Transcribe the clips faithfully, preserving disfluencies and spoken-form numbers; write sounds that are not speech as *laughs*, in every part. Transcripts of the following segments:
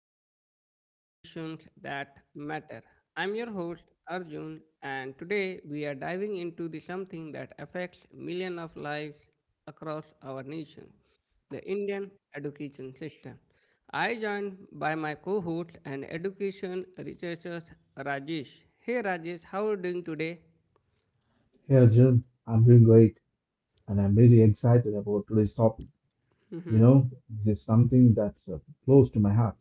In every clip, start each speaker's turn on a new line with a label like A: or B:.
A: back to The Conversations That Matter. I'm your host Arjun, and today we are diving into the something that affects millions of lives across our nation, the Indian education system. I joined by my co-host and education researcher Rajesh. Hey Rajesh, how are you doing today?
B: Hey Arjun, I'm doing great and I'm really excited about today's topic. You
A: *laughs*
B: know, this is something that's uh, close to my heart.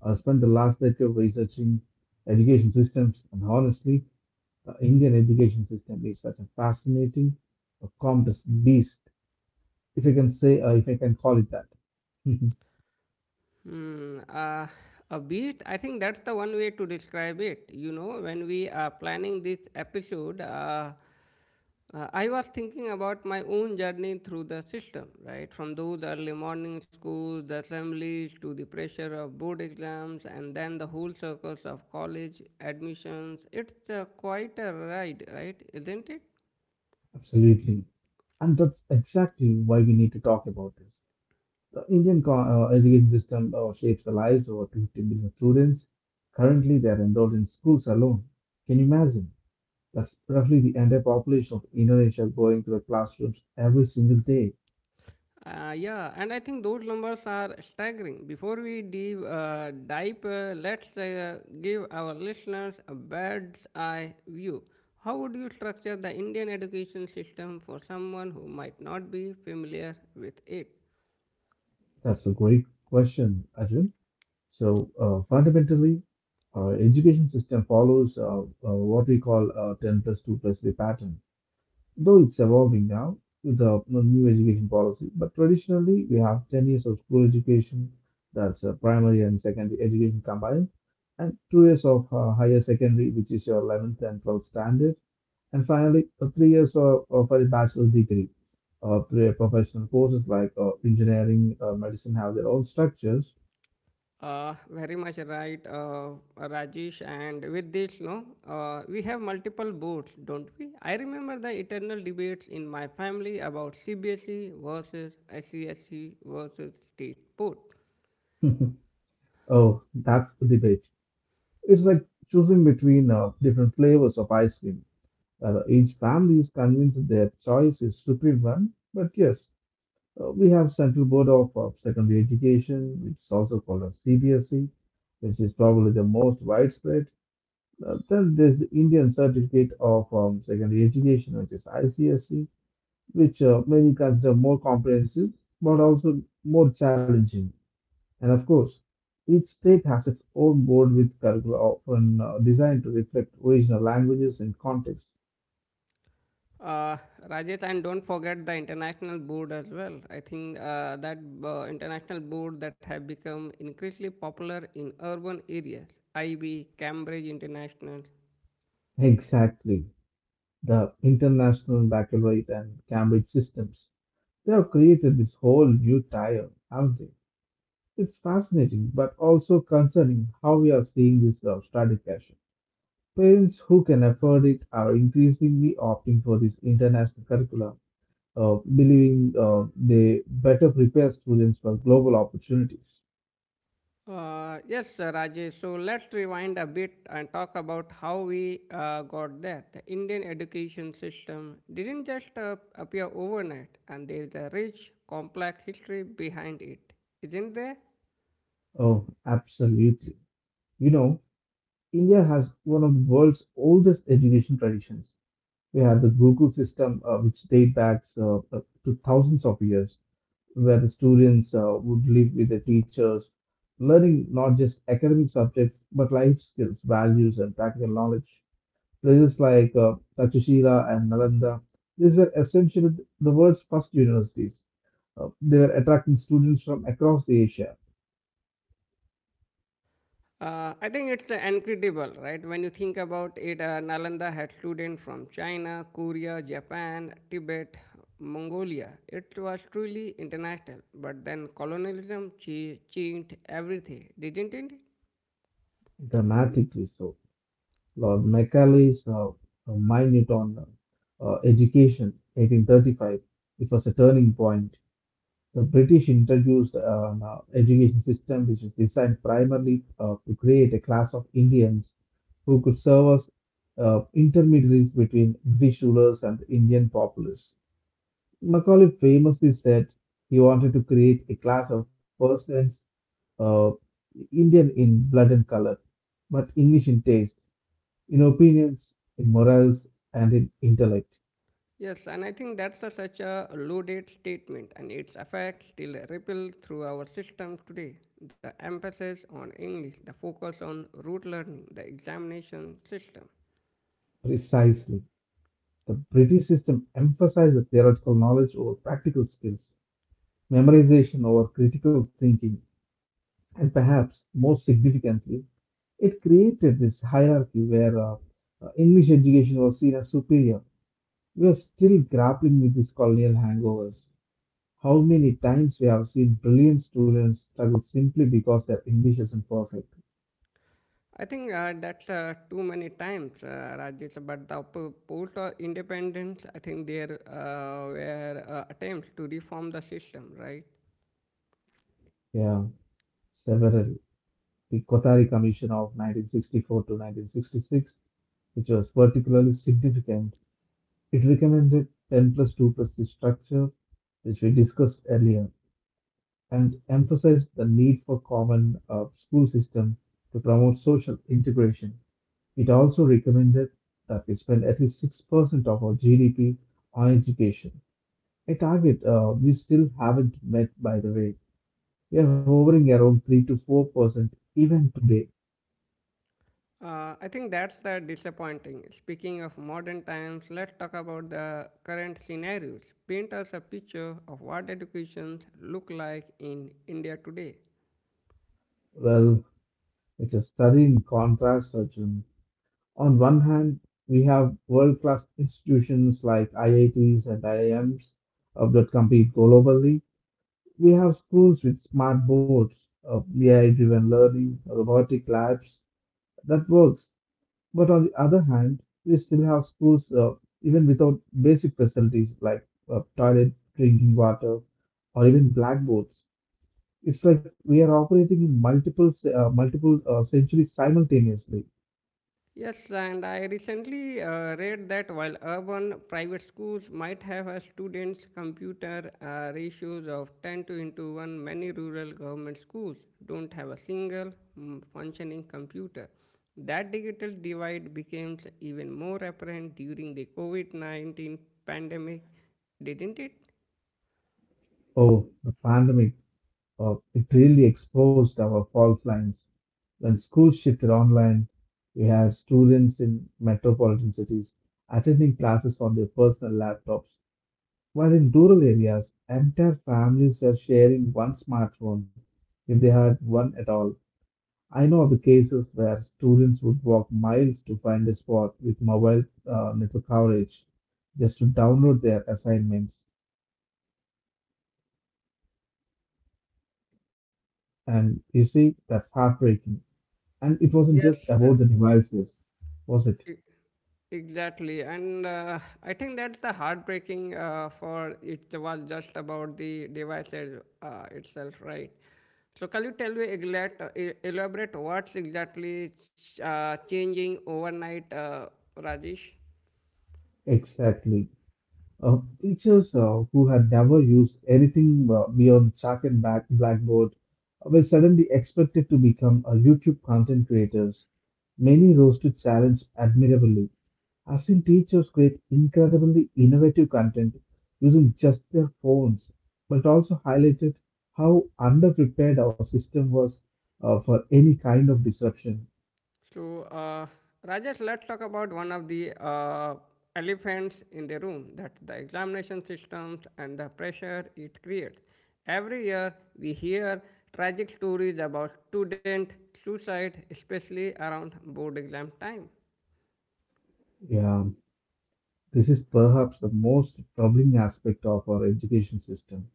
B: I spent the last decade researching education systems, and honestly, the Indian education system is such a fascinating, a complex beast, if I can say, uh, if I can call it that. *laughs*
A: Hmm, uh, a bit, I think that's the one way to describe it. You know, when we are planning this episode, uh, uh, I was thinking about my own journey through the system, right? From those early morning schools, the assemblies, to the pressure of board exams, and then the whole circus of college admissions. It's uh, quite a ride, right? Isn't it?
B: Absolutely. And that's exactly why we need to talk about this. The Indian co- uh, education system uh, shapes the lives of over two hundred fifty million students. Currently, they are enrolled in schools alone. Can you imagine? That's roughly the entire population of Indonesia going to the classrooms every single day.
A: Uh, yeah, and I think those numbers are staggering. Before we dive, uh, dive uh, let's uh, give our listeners a bird's eye view. How would you structure the Indian education system for someone who might not be familiar with it?
B: That's a great question, Arjun. So, uh, fundamentally, our education system follows uh, uh, what we call uh, ten plus two plus three pattern. Though it's evolving now with the you know, new education policy, but traditionally we have ten years of school education, that's uh, primary and secondary education combined, and two years of uh, higher secondary, which is your eleventh and twelfth standard, and finally uh, three years of, of a bachelor's degree. Uh, three professional courses like uh, engineering, uh, medicine have their own structures. *laughs*
A: Uh, very much right, uh, Rajesh. And with this, no, uh, we have multiple boards, don't we? I remember the eternal debates in my family about C B S E versus S E S E versus state board.
B: Oh, that's the debate. It's like choosing between uh, different flavors of ice cream. Uh, each family is convinced that their choice is superior one. But yes, uh, we have Central Board of, of Secondary Education, which is also called as C B S E, which is probably the most widespread. Uh, then there's the Indian Certificate of um, Secondary Education, which is I C S E, which uh, many consider more comprehensive but also more challenging. And of course, each state has its own board with curricula often uh, designed to reflect original languages and context.
A: Uh, Rajit, and don't forget the international board as well. I think uh, that uh, international board that have become increasingly popular in urban areas, I B, Cambridge International.
B: *laughs* Exactly. The International Baccalaureate and Cambridge systems. They have created this whole new tier, haven't they? It's fascinating, but also concerning how we are seeing this uh, stratification. Parents who can afford it are increasingly opting for this international curriculum, uh, believing uh, they better prepare students for global opportunities.
A: Uh, yes, sir, Rajesh. So let's rewind a bit and talk about how we uh, got there. The Indian education system didn't just uh, appear overnight, and there is a rich, complex history behind it, isn't there?
B: Oh, absolutely. You know, India has one of the world's oldest education traditions. We have the Gurukul system, uh, which date back uh, uh, to thousands of years, where the students uh, would live with the teachers, learning not just academic subjects but life skills, values, and practical knowledge. Places like uh, Takshashila and Nalanda, these were essentially the world's first universities. Uh, they were attracting students from across Asia.
A: Uh, I think it's uh, incredible, right? When you think about it, uh, Nalanda had students from China, Korea, Japan, Tibet, Mongolia. It was truly international. But then colonialism ch- changed everything, didn't it?
B: Dramatically so. Lord Macaulay's uh, uh, minute on uh, uh, education, eighteen thirty-five, it was a turning point. The British introduced an uh, education system which is designed primarily uh, to create a class of Indians who could serve as uh, intermediaries between British rulers and Indian populace. Macaulay famously said he wanted to create a class of persons, uh, Indian in blood and color, but English in taste, in opinions, in morals, and in intellect.
A: Yes, and I think that's a, such a loaded statement, and its effects still ripple through our systems today. The emphasis on English, the focus on rote learning, the examination system.
B: Precisely. The British system emphasized the theoretical knowledge over practical skills, memorization over critical thinking, and perhaps most significantly, it created this hierarchy where uh, uh, English education was seen as superior. We are still grappling with these colonial hangovers. How many times we have seen brilliant students struggle simply because their English isn't perfect?
A: I think uh, that's uh, too many times, uh, Rajesh. But the po- post uh, independence, I think there uh, were uh, attempts to reform the system, right?
B: Yeah, several. The Kotari Commission of nineteen sixty-four to nineteen sixty-six, which was particularly significant, it recommended ten plus two plus three structure, which we discussed earlier, and emphasized the need for common uh, school system to promote social integration. It also recommended that we spend at least six percent of our G D P on education, a target uh, we still haven't met, by the way. We are hovering around three to four percent even today.
A: Uh, I think that's the disappointing. Speaking of modern times, let's talk about the current scenarios. Paint us a picture of what educations look like in India today.
B: Well, it's a stunning contrast, Arjun. On one hand, we have world class institutions like I I Ts and I I Ms uh, that compete globally. We have schools with smart boards, uh, A I driven learning, robotic labs that works. But on the other hand, we still have schools uh, even without basic facilities like uh, toilet, drinking water, or even blackboards. It's like we are operating in multiple ce- uh, multiple uh, centuries simultaneously.
A: Yes, and I recently uh, read that while urban private schools might have a students' computer uh, ratios of ten to into one, many rural government schools don't have a single mm, functioning computer. That digital divide became even more apparent during the COVID nineteen pandemic, didn't it?
B: Oh, the pandemic! Uh, it really exposed our fault lines. When schools shifted online, we had students in metropolitan cities attending classes on their personal laptops. While in rural areas, entire families were sharing one smartphone if they had one at all. I know of the cases where students would walk miles to find a spot with mobile uh, network coverage just to download their assignments. And you see, that's heartbreaking. And it wasn't just
A: Yes,
B: about the devices, was it?
A: uh, Exactly, and uh, I think that's the heartbreaking uh, for it was just about the device as- uh, itself, right? So, can you tell me exact, uh, e- elaborate what's exactly ch- uh, changing overnight, uh, Rajesh?
B: Exactly. Uh, teachers uh, who had never used anything uh, beyond chalk and back blackboard uh, were suddenly expected to become uh, YouTube content creators. Many rose to challenge admirably. I've seen teachers create incredibly innovative content using just their phones, but also highlighted how underprepared our system was uh, for any kind of disruption.
A: So, uh, Rajesh, let's talk about one of the uh, elephants in the room that the examination systems and the pressure it creates. Every year, we hear tragic stories about student suicide, especially around board exam time.
B: Yeah, this is perhaps the most troubling aspect of our education system.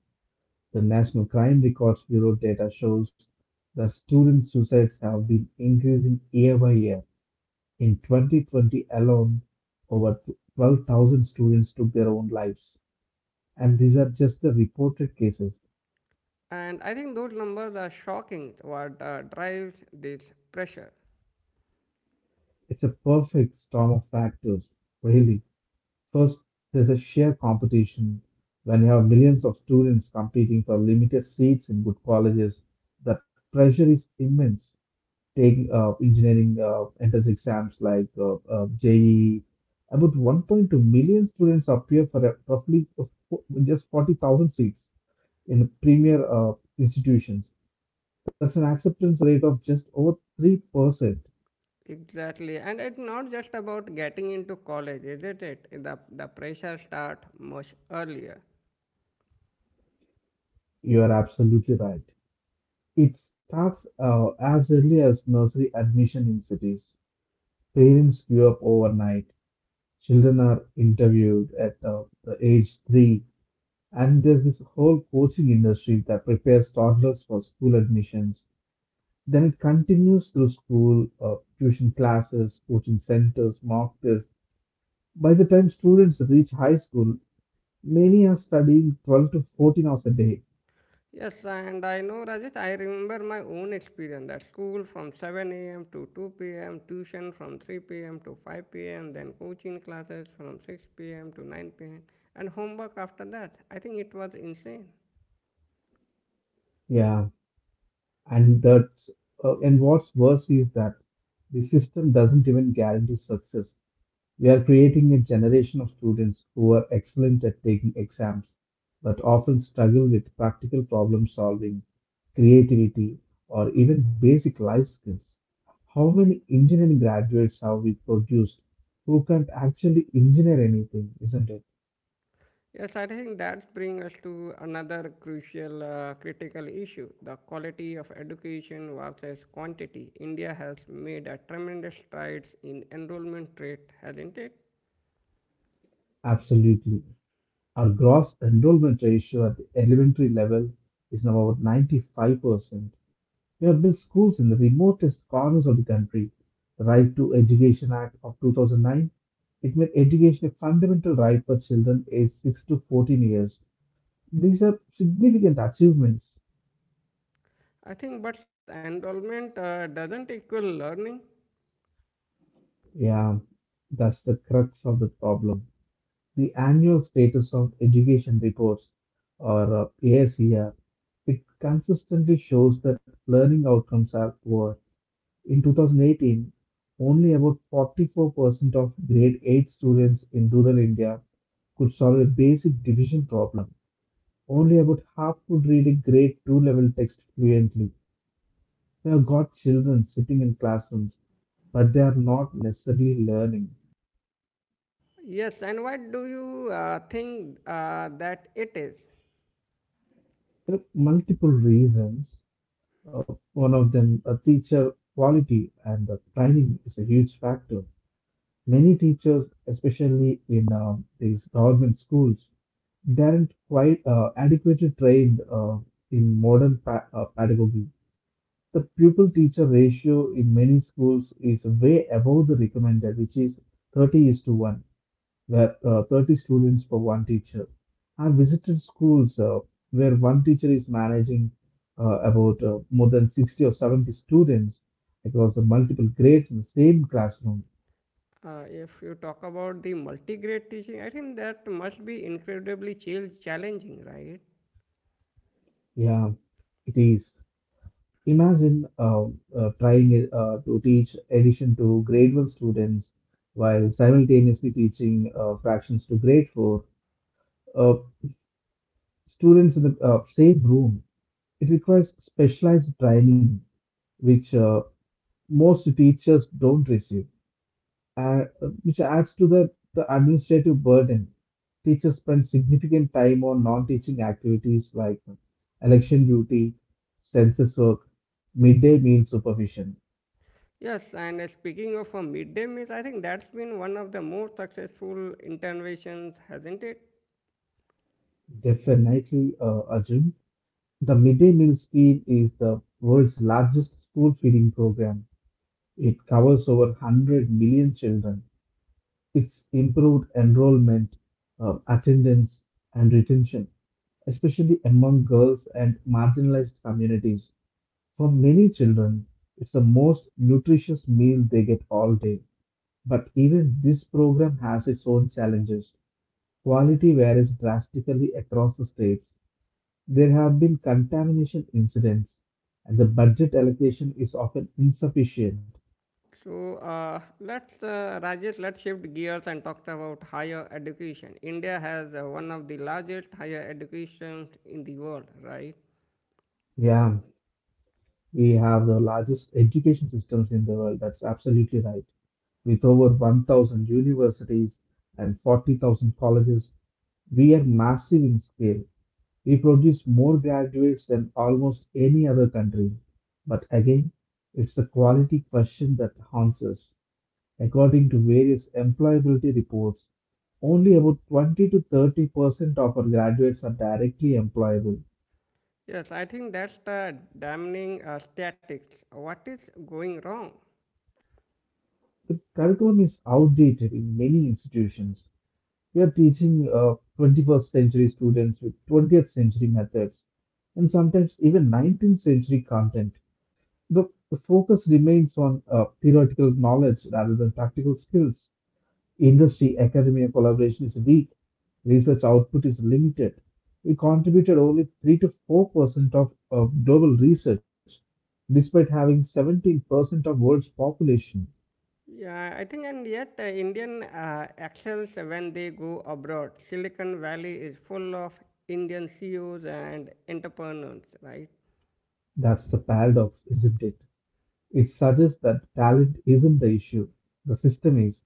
B: The National Crime Records Bureau data shows that student suicides have been increasing year by year. In twenty twenty alone, over twelve thousand students took their own lives. And these are just the reported cases.
A: And I think those numbers are shocking what uh, drives this pressure.
B: It's a perfect storm of factors, really. First, there's a sheer competition. When you have millions of students competing for limited seats in good colleges, the pressure is immense. Take uh, engineering uh, entrance exams like uh, uh, J E E. About one point two million students appear for a- roughly of fo- just forty thousand seats in premier uh, institutions. That's an acceptance rate of just over three percent.
A: Exactly. And it's not just about getting into college, isn't it? The, the pressure starts much earlier.
B: You are absolutely right. It starts uh, as early as nursery admission in cities. Parents queue up overnight. Children are interviewed at uh, the age three. And there's this whole coaching industry that prepares toddlers for school admissions. Then it continues through school, uh, tuition classes, coaching centers, mock tests. By the time students reach high school, many are studying twelve to fourteen hours a day.
A: Yes, and I know Rajesh, I remember my own experience at school from seven a m to two p m, tuition from three p m to five p m, then coaching classes from six p m to nine p m, and homework after that. I think it was insane.
B: Yeah, and that's, uh, and what's worse is that the system doesn't even guarantee success. We are creating a generation of students who are excellent at taking exams, but often struggle with practical problem solving, creativity, or even basic life skills. How many engineering graduates have we produced who can't actually engineer anything, isn't it?
A: Yes, I think that brings us to another crucial uh, critical issue, the quality of education versus quantity. India has made a tremendous strides in enrollment rate, hasn't it?
B: Absolutely. Our gross enrollment ratio at the elementary level is now about ninety-five percent. We have built schools in the remotest corners of the country. The Right to Education Act of two thousand nine, it made education a fundamental right for children aged six to fourteen years. These are significant achievements.
A: I think, but enrollment uh, doesn't equal learning.
B: Yeah, that's the crux of the problem. The annual status of education reports, or uh, ASER, it consistently shows that learning outcomes are poor. In twenty eighteen, only about forty-four percent of grade eight students in rural India could solve a basic division problem. Only about half could read a grade two level text fluently. We have got children sitting in classrooms, but they are not necessarily learning.
A: Yes, and what do you uh, think uh, that it is?
B: There are multiple reasons. Uh, one of them, a teacher quality and uh, training is a huge factor. Many teachers, especially in uh, these government schools, they aren't quite uh, adequately trained uh, in modern pa- uh, pedagogy. The pupil teacher ratio in many schools is way above the recommended, which is thirty is to one, where uh, thirty students for one teacher. I've visited schools uh, where one teacher is managing uh, about uh, more than sixty or seventy students across the multiple grades in the same classroom.
A: Uh, if you talk about the multi-grade teaching, I think that must be incredibly chal- challenging, right?
B: Yeah, it is. Imagine uh, uh, trying uh, to teach addition to grade one students while simultaneously teaching uh, fractions to grade four uh, students in the uh, same room. It requires specialized training, which uh, most teachers don't receive, uh, which adds to the, the administrative burden. Teachers spend significant time on non teaching activities like election duty, census work, midday meal supervision.
A: Yes, and uh, speaking of a midday meals, I think that's been one of the most successful interventions, hasn't it?
B: Definitely, uh, Arjun. The midday meal scheme is the world's largest school feeding program. It covers over one hundred million children. It's improved enrollment, uh, attendance, and retention, especially among girls and marginalized communities. For many children, it's the most nutritious meal they get all day. But even this program has its own challenges. Quality varies drastically across the states. There have been contamination incidents, and the budget allocation is often insufficient.
A: So uh, let's, uh, Rajesh, let's shift gears and talk about higher education. India has uh, one of the largest higher educations in the world, right?
B: Yeah, we have the largest education systems in the world. That's absolutely right. With over one thousand universities and forty thousand colleges, we are massive in scale. We produce more graduates than almost any other country. But again, it's the quality question that haunts us. According to various employability reports, only about twenty to thirty percent of our graduates are directly employable.
A: Yes, I think that's the damning uh, statics. What is going wrong?
B: The curriculum is outdated in many institutions. We are teaching uh, twenty-first century students with twentieth century methods and sometimes even nineteenth century content. The, the focus remains on uh, theoretical knowledge rather than practical skills. Industry academia collaboration is weak, research output is limited. We contributed only three to four percent of, of global research, despite having seventeen percent of world's population.
A: Yeah, I think, and yet uh, Indian uh, excels when they go abroad. Silicon Valley is full of Indian C E Os and entrepreneurs, right?
B: That's the paradox, isn't it? It suggests that talent isn't the issue. The system is.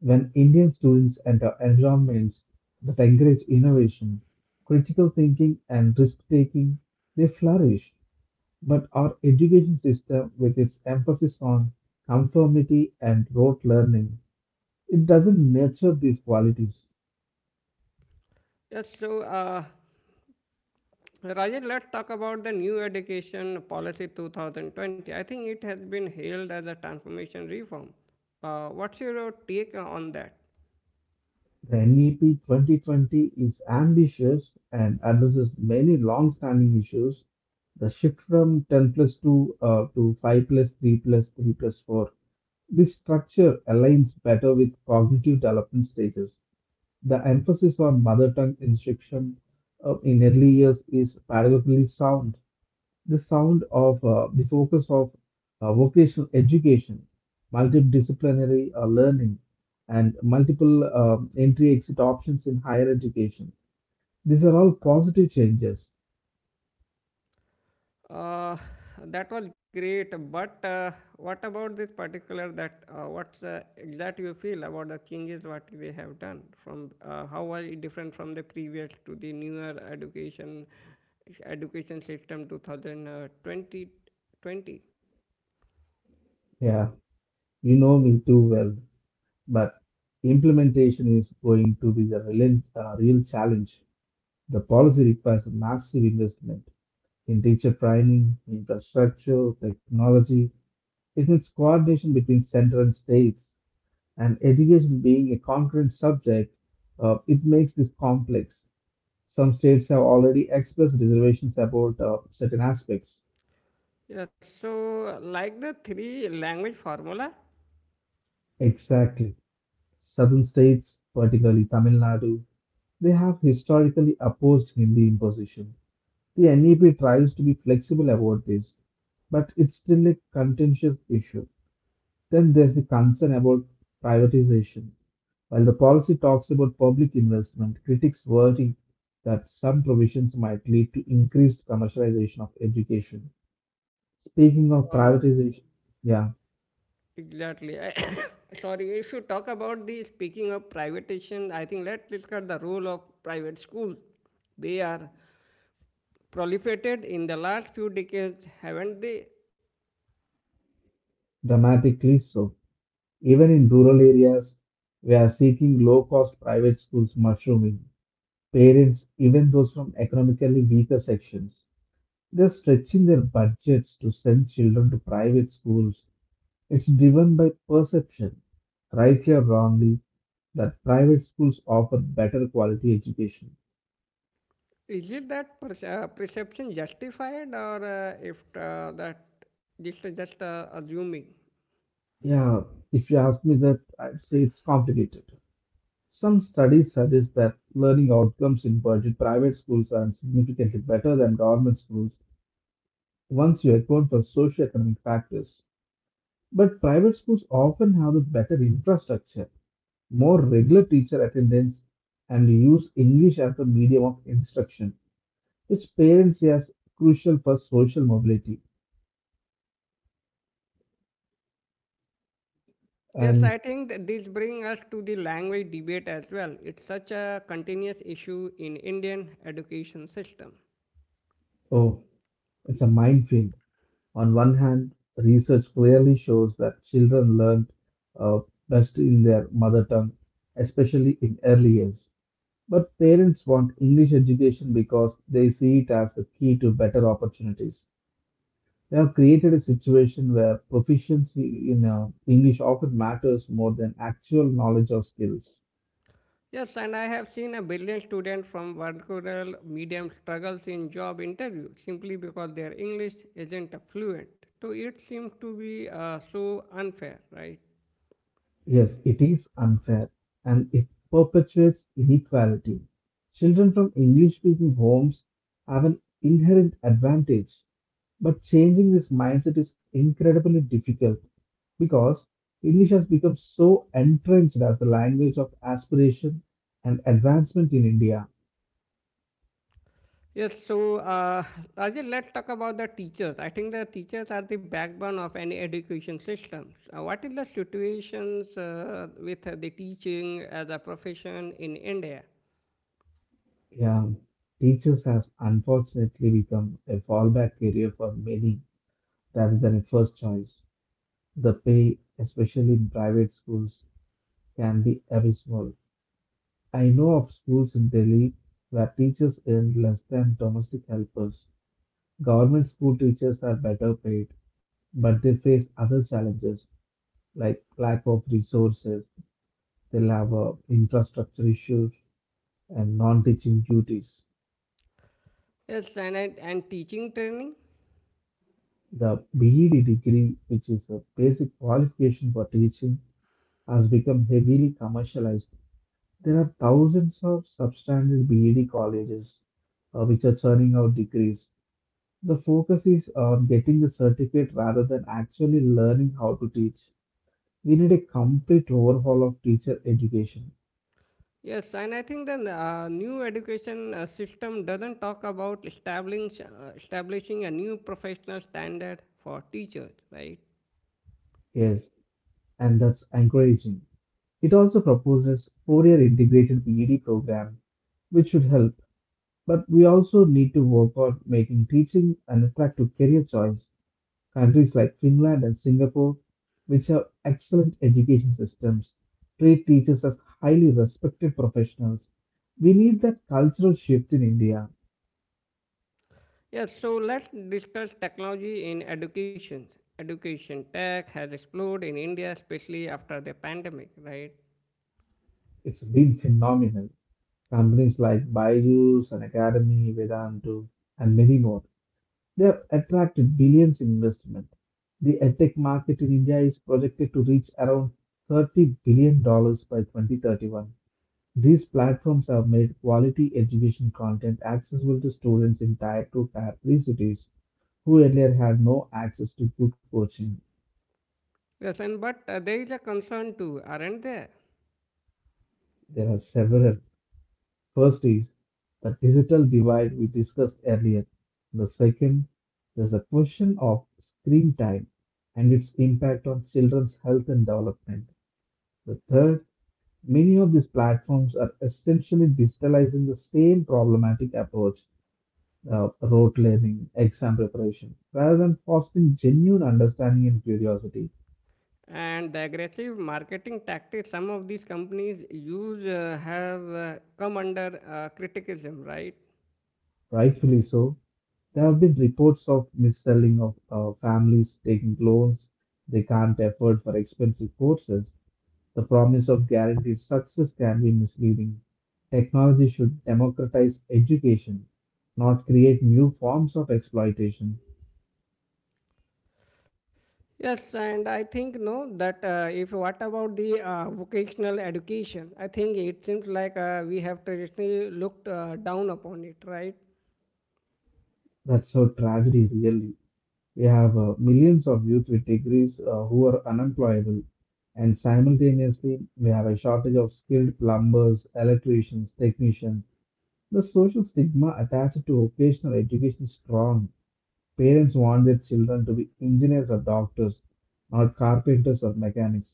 B: When Indian students enter environments that encourage innovation, critical thinking, and risk taking, they flourish. But our education system, with its emphasis on conformity and rote learning, it doesn't nurture these qualities.
A: Yes, so uh, Rajesh, let's talk about the new education policy twenty twenty. I think it has been hailed as a transformation reform. Uh, what's your take on that?
B: The N E P twenty twenty is ambitious and addresses many long-standing issues. The shift from ten plus two uh, to five plus three plus three plus four. This structure aligns better with cognitive development stages. The emphasis on mother tongue instruction uh, in early years is pedagogically sound. The sound of uh, the focus of uh, vocational education, multidisciplinary uh, learning, and multiple um entry exit options in higher education. These are all positive changes.
A: Uh, that was great, but uh, what about this particular that uh, what's uh, exact you feel about the changes what they have done from uh, how are it different from the previous to the newer education education system twenty twenty? Yes.
B: Yeah, you know me too well, but implementation is going to be the relent, uh, real challenge. The policy requires a massive investment in teacher training, infrastructure, technology. It needs coordination between center and states, and education being a concurrent subject, uh, it makes this complex. Some states have already expressed reservations about uh, certain aspects.
A: So like the three language formula.
B: Exactly. Southern states, particularly Tamil Nadu, they have historically opposed Hindi imposition. The N E P tries to be flexible about this, but it's still a contentious issue. Then there's the concern about privatization. While the policy talks about public investment, critics worry that some provisions might lead to increased commercialization of education. Speaking of
A: uh,
B: privatization, yeah,
A: exactly, I, *coughs* sorry, if you talk about the speaking of privatization, I think let's discuss the role of private schools. They are proliferated in the last few decades, haven't they?
B: dramatically so. Even in rural areas, we are seeing low cost private schools mushrooming. Parents, even those from economically weaker sections, they're stretching their budgets to send children to private schools. It's driven by perception, rightly or wrongly, that private schools offer better quality education.
A: Is it that uh, perception justified, or uh, if uh, that just just uh, assuming?
B: Yeah, if you ask me that, I'd say it's complicated. Some studies suggest that learning outcomes in budget private schools are significantly better than government schools once you account for socioeconomic factors. But private schools often have the better infrastructure, more regular teacher attendance, and use English as the medium of instruction, which parents see as crucial for social mobility.
A: Yes,
B: And
A: I think that this brings us to the language debate as well. It's such a continuous issue in Indian education system.
B: oh, it's a minefield. On one hand, research clearly shows that children learn uh, best in their mother tongue, especially in early years. But parents want English education because they see it as the key to better opportunities. They have created a situation where proficiency in uh, English often matters more than actual knowledge or skills.
A: Yes, and I have seen a brilliant student from vernacular medium struggles in job interview simply because their English isn't fluent. So it seems to be uh, so unfair, right?
B: Yes, it is unfair and it perpetuates inequality. Children from English speaking homes have an inherent advantage, but changing this mindset is incredibly difficult because English has become so entrenched as the language of aspiration and advancement in India.
A: Yes, so uh, Rajesh, let's talk about the teachers. I think the teachers are the backbone of any education system. Uh, what is the situations uh, with uh, the teaching as a profession in India?
B: Yeah, teachers has unfortunately become a fallback career for many rather than a first choice. The pay, especially in private schools, can be abysmal. I know of schools in Delhi where teachers earn less than domestic helpers. Government school teachers are better paid, but they face other challenges like lack of resources, they'll have uh, infrastructure issues, and non teaching duties.
A: Yes, and I, and teaching training.
B: The BEd degree, which is a basic qualification for teaching, has become heavily commercialized. There are thousands of substandard BEd colleges uh, which are churning out degrees. The focus is on getting the certificate rather than actually learning how to teach. We need a complete overhaul of teacher education.
A: Yes, and I think the uh, new education uh, system doesn't talk about establishing uh, establishing a new professional standard for teachers, right?
B: Yes, and that's encouraging. It also proposes four-year integrated P E D program, which should help. But we also need to work on making teaching an attractive career choice. Countries like Finland and Singapore, which have excellent education systems, treat teachers as highly respected professionals. We need that cultural shift in India.
A: Yes, so let's discuss technology in education. Education tech has exploded in India, especially after the pandemic, right?
B: It's been phenomenal. Companies like Byju's and Academy, Vedantu, and many more. They have attracted billions in investment. The edtech market in India is projected to reach around $30 billion dollars by twenty thirty-one. These platforms have made quality education content accessible to students in Tier two, Tier three cities who earlier had no access to good coaching.
A: Yes, and but uh, there is a concern too, aren't there?
B: There are several. First is the digital divide we discussed earlier. The second is the question of screen time and its impact on children's health and development. The third, many of these platforms are essentially digitalizing the same problematic approach, uh, rote learning, exam preparation, rather than fostering genuine understanding and curiosity.
A: And the aggressive marketing tactics some of these companies use uh, have uh, come under uh, criticism, right?
B: Rightfully so, there have been reports of mis-selling, of uh, families taking loans they can't afford for expensive courses. The promise of guaranteed success can be misleading. Technology should democratize education, not create new forms of exploitation.
A: Yes, and I think no that uh, if what about the uh, vocational education, I think it seems like uh, we have traditionally looked uh, down upon it, right?
B: That's how tragedy really. We have uh, millions of youth with degrees uh, who are unemployable, and simultaneously, we have a shortage of skilled plumbers, electricians, technicians. The social stigma attached to vocational education is strong. Parents want their children to be engineers or doctors, not carpenters or mechanics,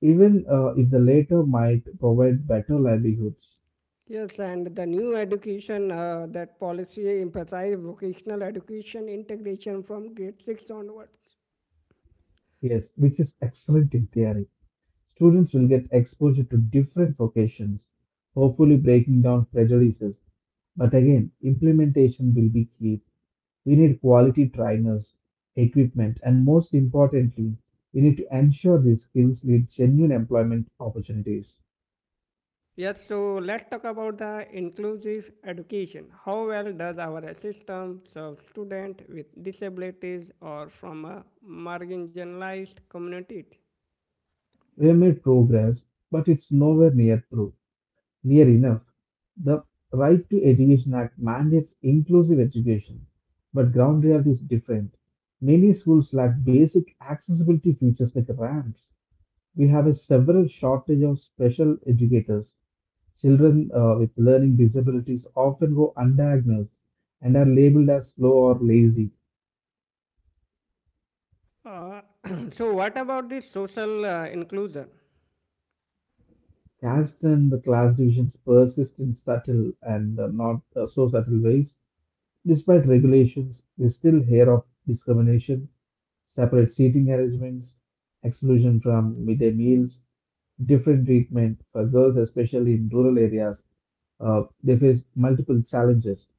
B: even uh, if the latter might provide better livelihoods.
A: Yes, and the new education, uh, that policy emphasize vocational education integration from grade six onwards.
B: Yes, which is excellent in theory. Students will get exposure to different vocations, hopefully breaking down prejudices. But again, implementation will be key. We need quality trainers, equipment, and most importantly, we need to ensure these skills lead genuine employment opportunities.
A: Yes, so let's talk about the inclusive education. How well does our system serve students with disabilities or from a marginalized community?
B: We have made progress, but it's nowhere near through. Near enough. The Right to Education Act mandates inclusive education, but ground reality is different. Many schools lack basic accessibility features like ramps. We have a several shortage of special educators. Children uh, with learning disabilities often go undiagnosed and are labeled as slow or lazy.
A: Uh, *clears throat* so what about the social uh, inclusion?
B: Caste and the class divisions persist in subtle and uh, not uh, so subtle ways. Despite regulations, we still hear of discrimination, separate seating arrangements, exclusion from midday meals, different treatment for girls, especially in rural areas. Uh, they face multiple challenges,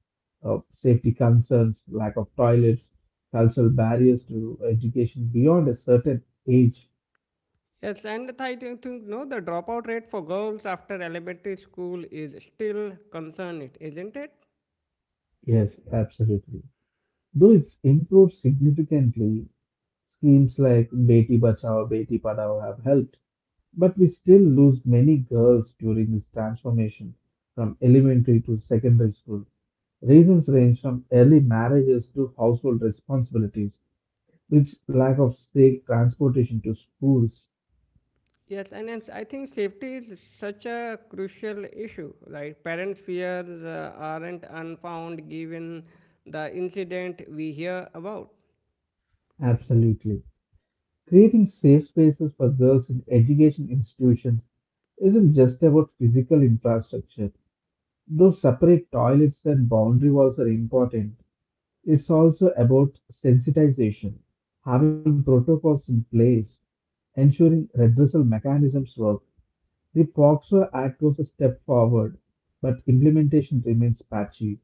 B: uh, safety concerns, lack of toilets, cultural barriers to education beyond a certain age.
A: Yes, and I think think, no, the dropout rate for girls after elementary school is still concerning, isn't it?
B: Yes, absolutely. Though it's improved significantly, schemes like Beti Bachao, Beti Padhao have helped, but we still lose many girls during this transformation from elementary to secondary school. Reasons range from early marriages to household responsibilities, which lack of safe transportation to schools.
A: Yes, and then I think safety is such a crucial issue. Like parents' fears uh, aren't unfound given the incident we hear about.
B: Absolutely. Creating safe spaces for girls in education institutions isn't just about physical infrastructure. Though separate toilets and boundary walls are important, it's also about sensitization, having protocols in place, ensuring redressal mechanisms work. The P O X O Act was a step forward, but implementation remains patchy.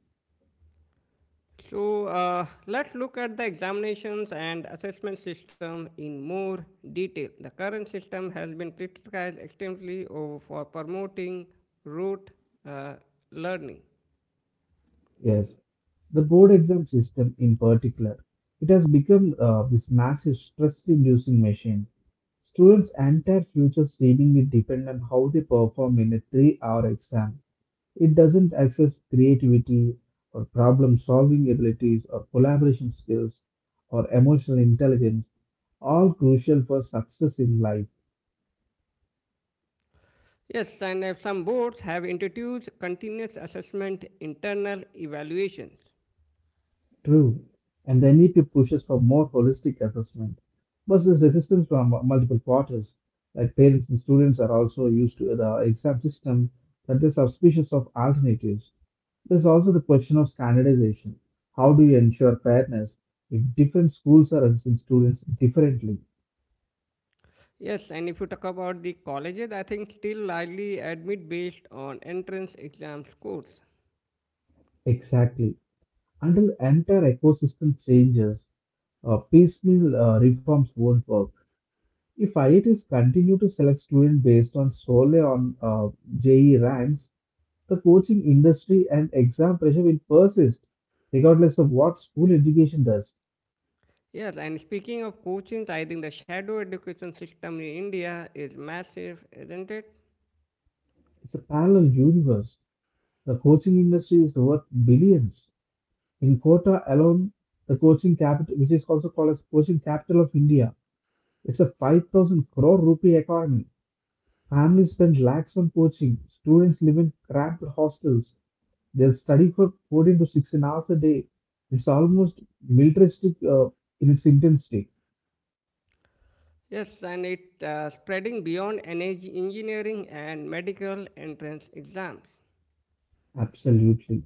A: So uh, let's look at the examinations and assessment system in more detail. The current system has been criticized extensively over for promoting rote uh, learning.
B: Yes, the board exam system in particular, it has become uh, this massive stress-inducing machine. Students' entire future seemingly depend on how they perform in a three-hour exam. It doesn't access creativity or problem-solving abilities or collaboration skills or emotional intelligence, all crucial for success in life.
A: Yes, and uh, some boards have introduced continuous assessment internal evaluations.
B: True, and the N E P pushes for more holistic assessment, but there's resistance from mu- multiple quarters. Like parents and students are also used to the exam system, that there's suspicious of alternatives. There's also the question of standardization. How do you ensure fairness if different schools are assessing students differently?
A: Yes, and if you talk about the colleges, I think still largely admit based on entrance exam scores.
B: Exactly. Until entire ecosystem changes, uh, piecemeal uh, reforms won't work. If I I Ts continue to select students based on solely on uh, J E ranks, the coaching industry and exam pressure will persist, regardless of what school education does.
A: Yes, and speaking of coaching, I think the shadow education system in India is massive, isn't it?
B: It's a parallel universe. The coaching industry is worth billions. In Kota alone, the coaching capital, which is also called as coaching capital of India, it's a five thousand crore rupee economy. Families spend lakhs on coaching. Students live in cramped hostels. They study for fourteen to sixteen hours a day. It's almost militaristic uh, in its intensity.
A: Yes, and it's uh, spreading beyond energy engineering and medical entrance exams.
B: Absolutely.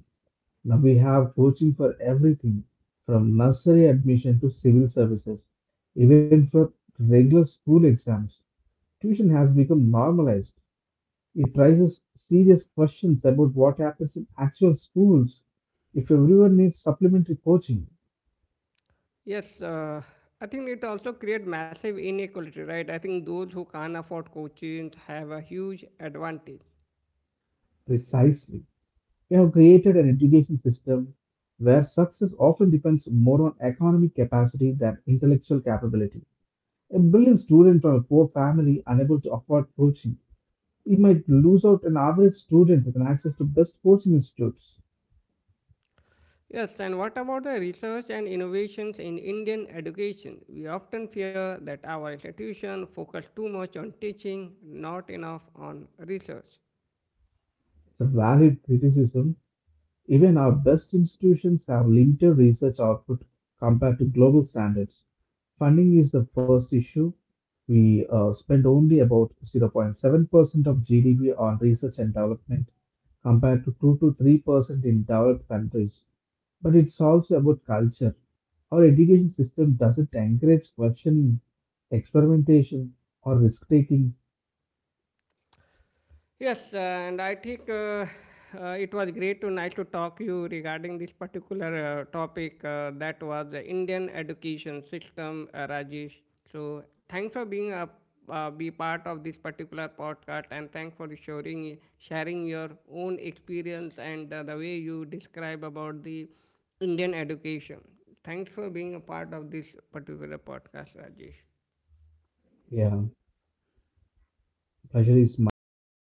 B: Now we have coaching for everything from nursery admission to civil services, even for regular school exams. Tuition has become normalized. It raises serious questions about what happens in actual schools if everyone needs supplementary coaching.
A: Yes, uh, I think it also creates massive inequality, right? I think those who can't afford coaching have a huge advantage.
B: Precisely. We have created an education system where success often depends more on economic capacity than intellectual capability. A brilliant student from a poor family unable to afford coaching, he might lose out an average student with an access to best coaching institutes.
A: Yes, and what about the research and innovations in Indian education? We often fear that our institution focus too much on teaching, not enough on research.
B: It's a valid criticism. Even our best institutions have limited research output compared to global standards. Funding is the first issue. We uh, spend only about zero point seven percent of G D P on research and development compared to two to three percent in developed countries. But it's also about culture. Our education system doesn't encourage questioning, experimentation, or risk taking.
A: Yes, uh, and I think uh, uh, it was great to nice to talk to you regarding this particular uh, topic uh, that was the Indian education system, uh, Rajesh. So thanks for being a uh, be part of this particular podcast and thanks for sharing sharing your own experience and uh, the way you describe about the Indian education. Thanks for being a part of this particular podcast, Rajesh.
B: Yeah, pleasure is mine. Thanks.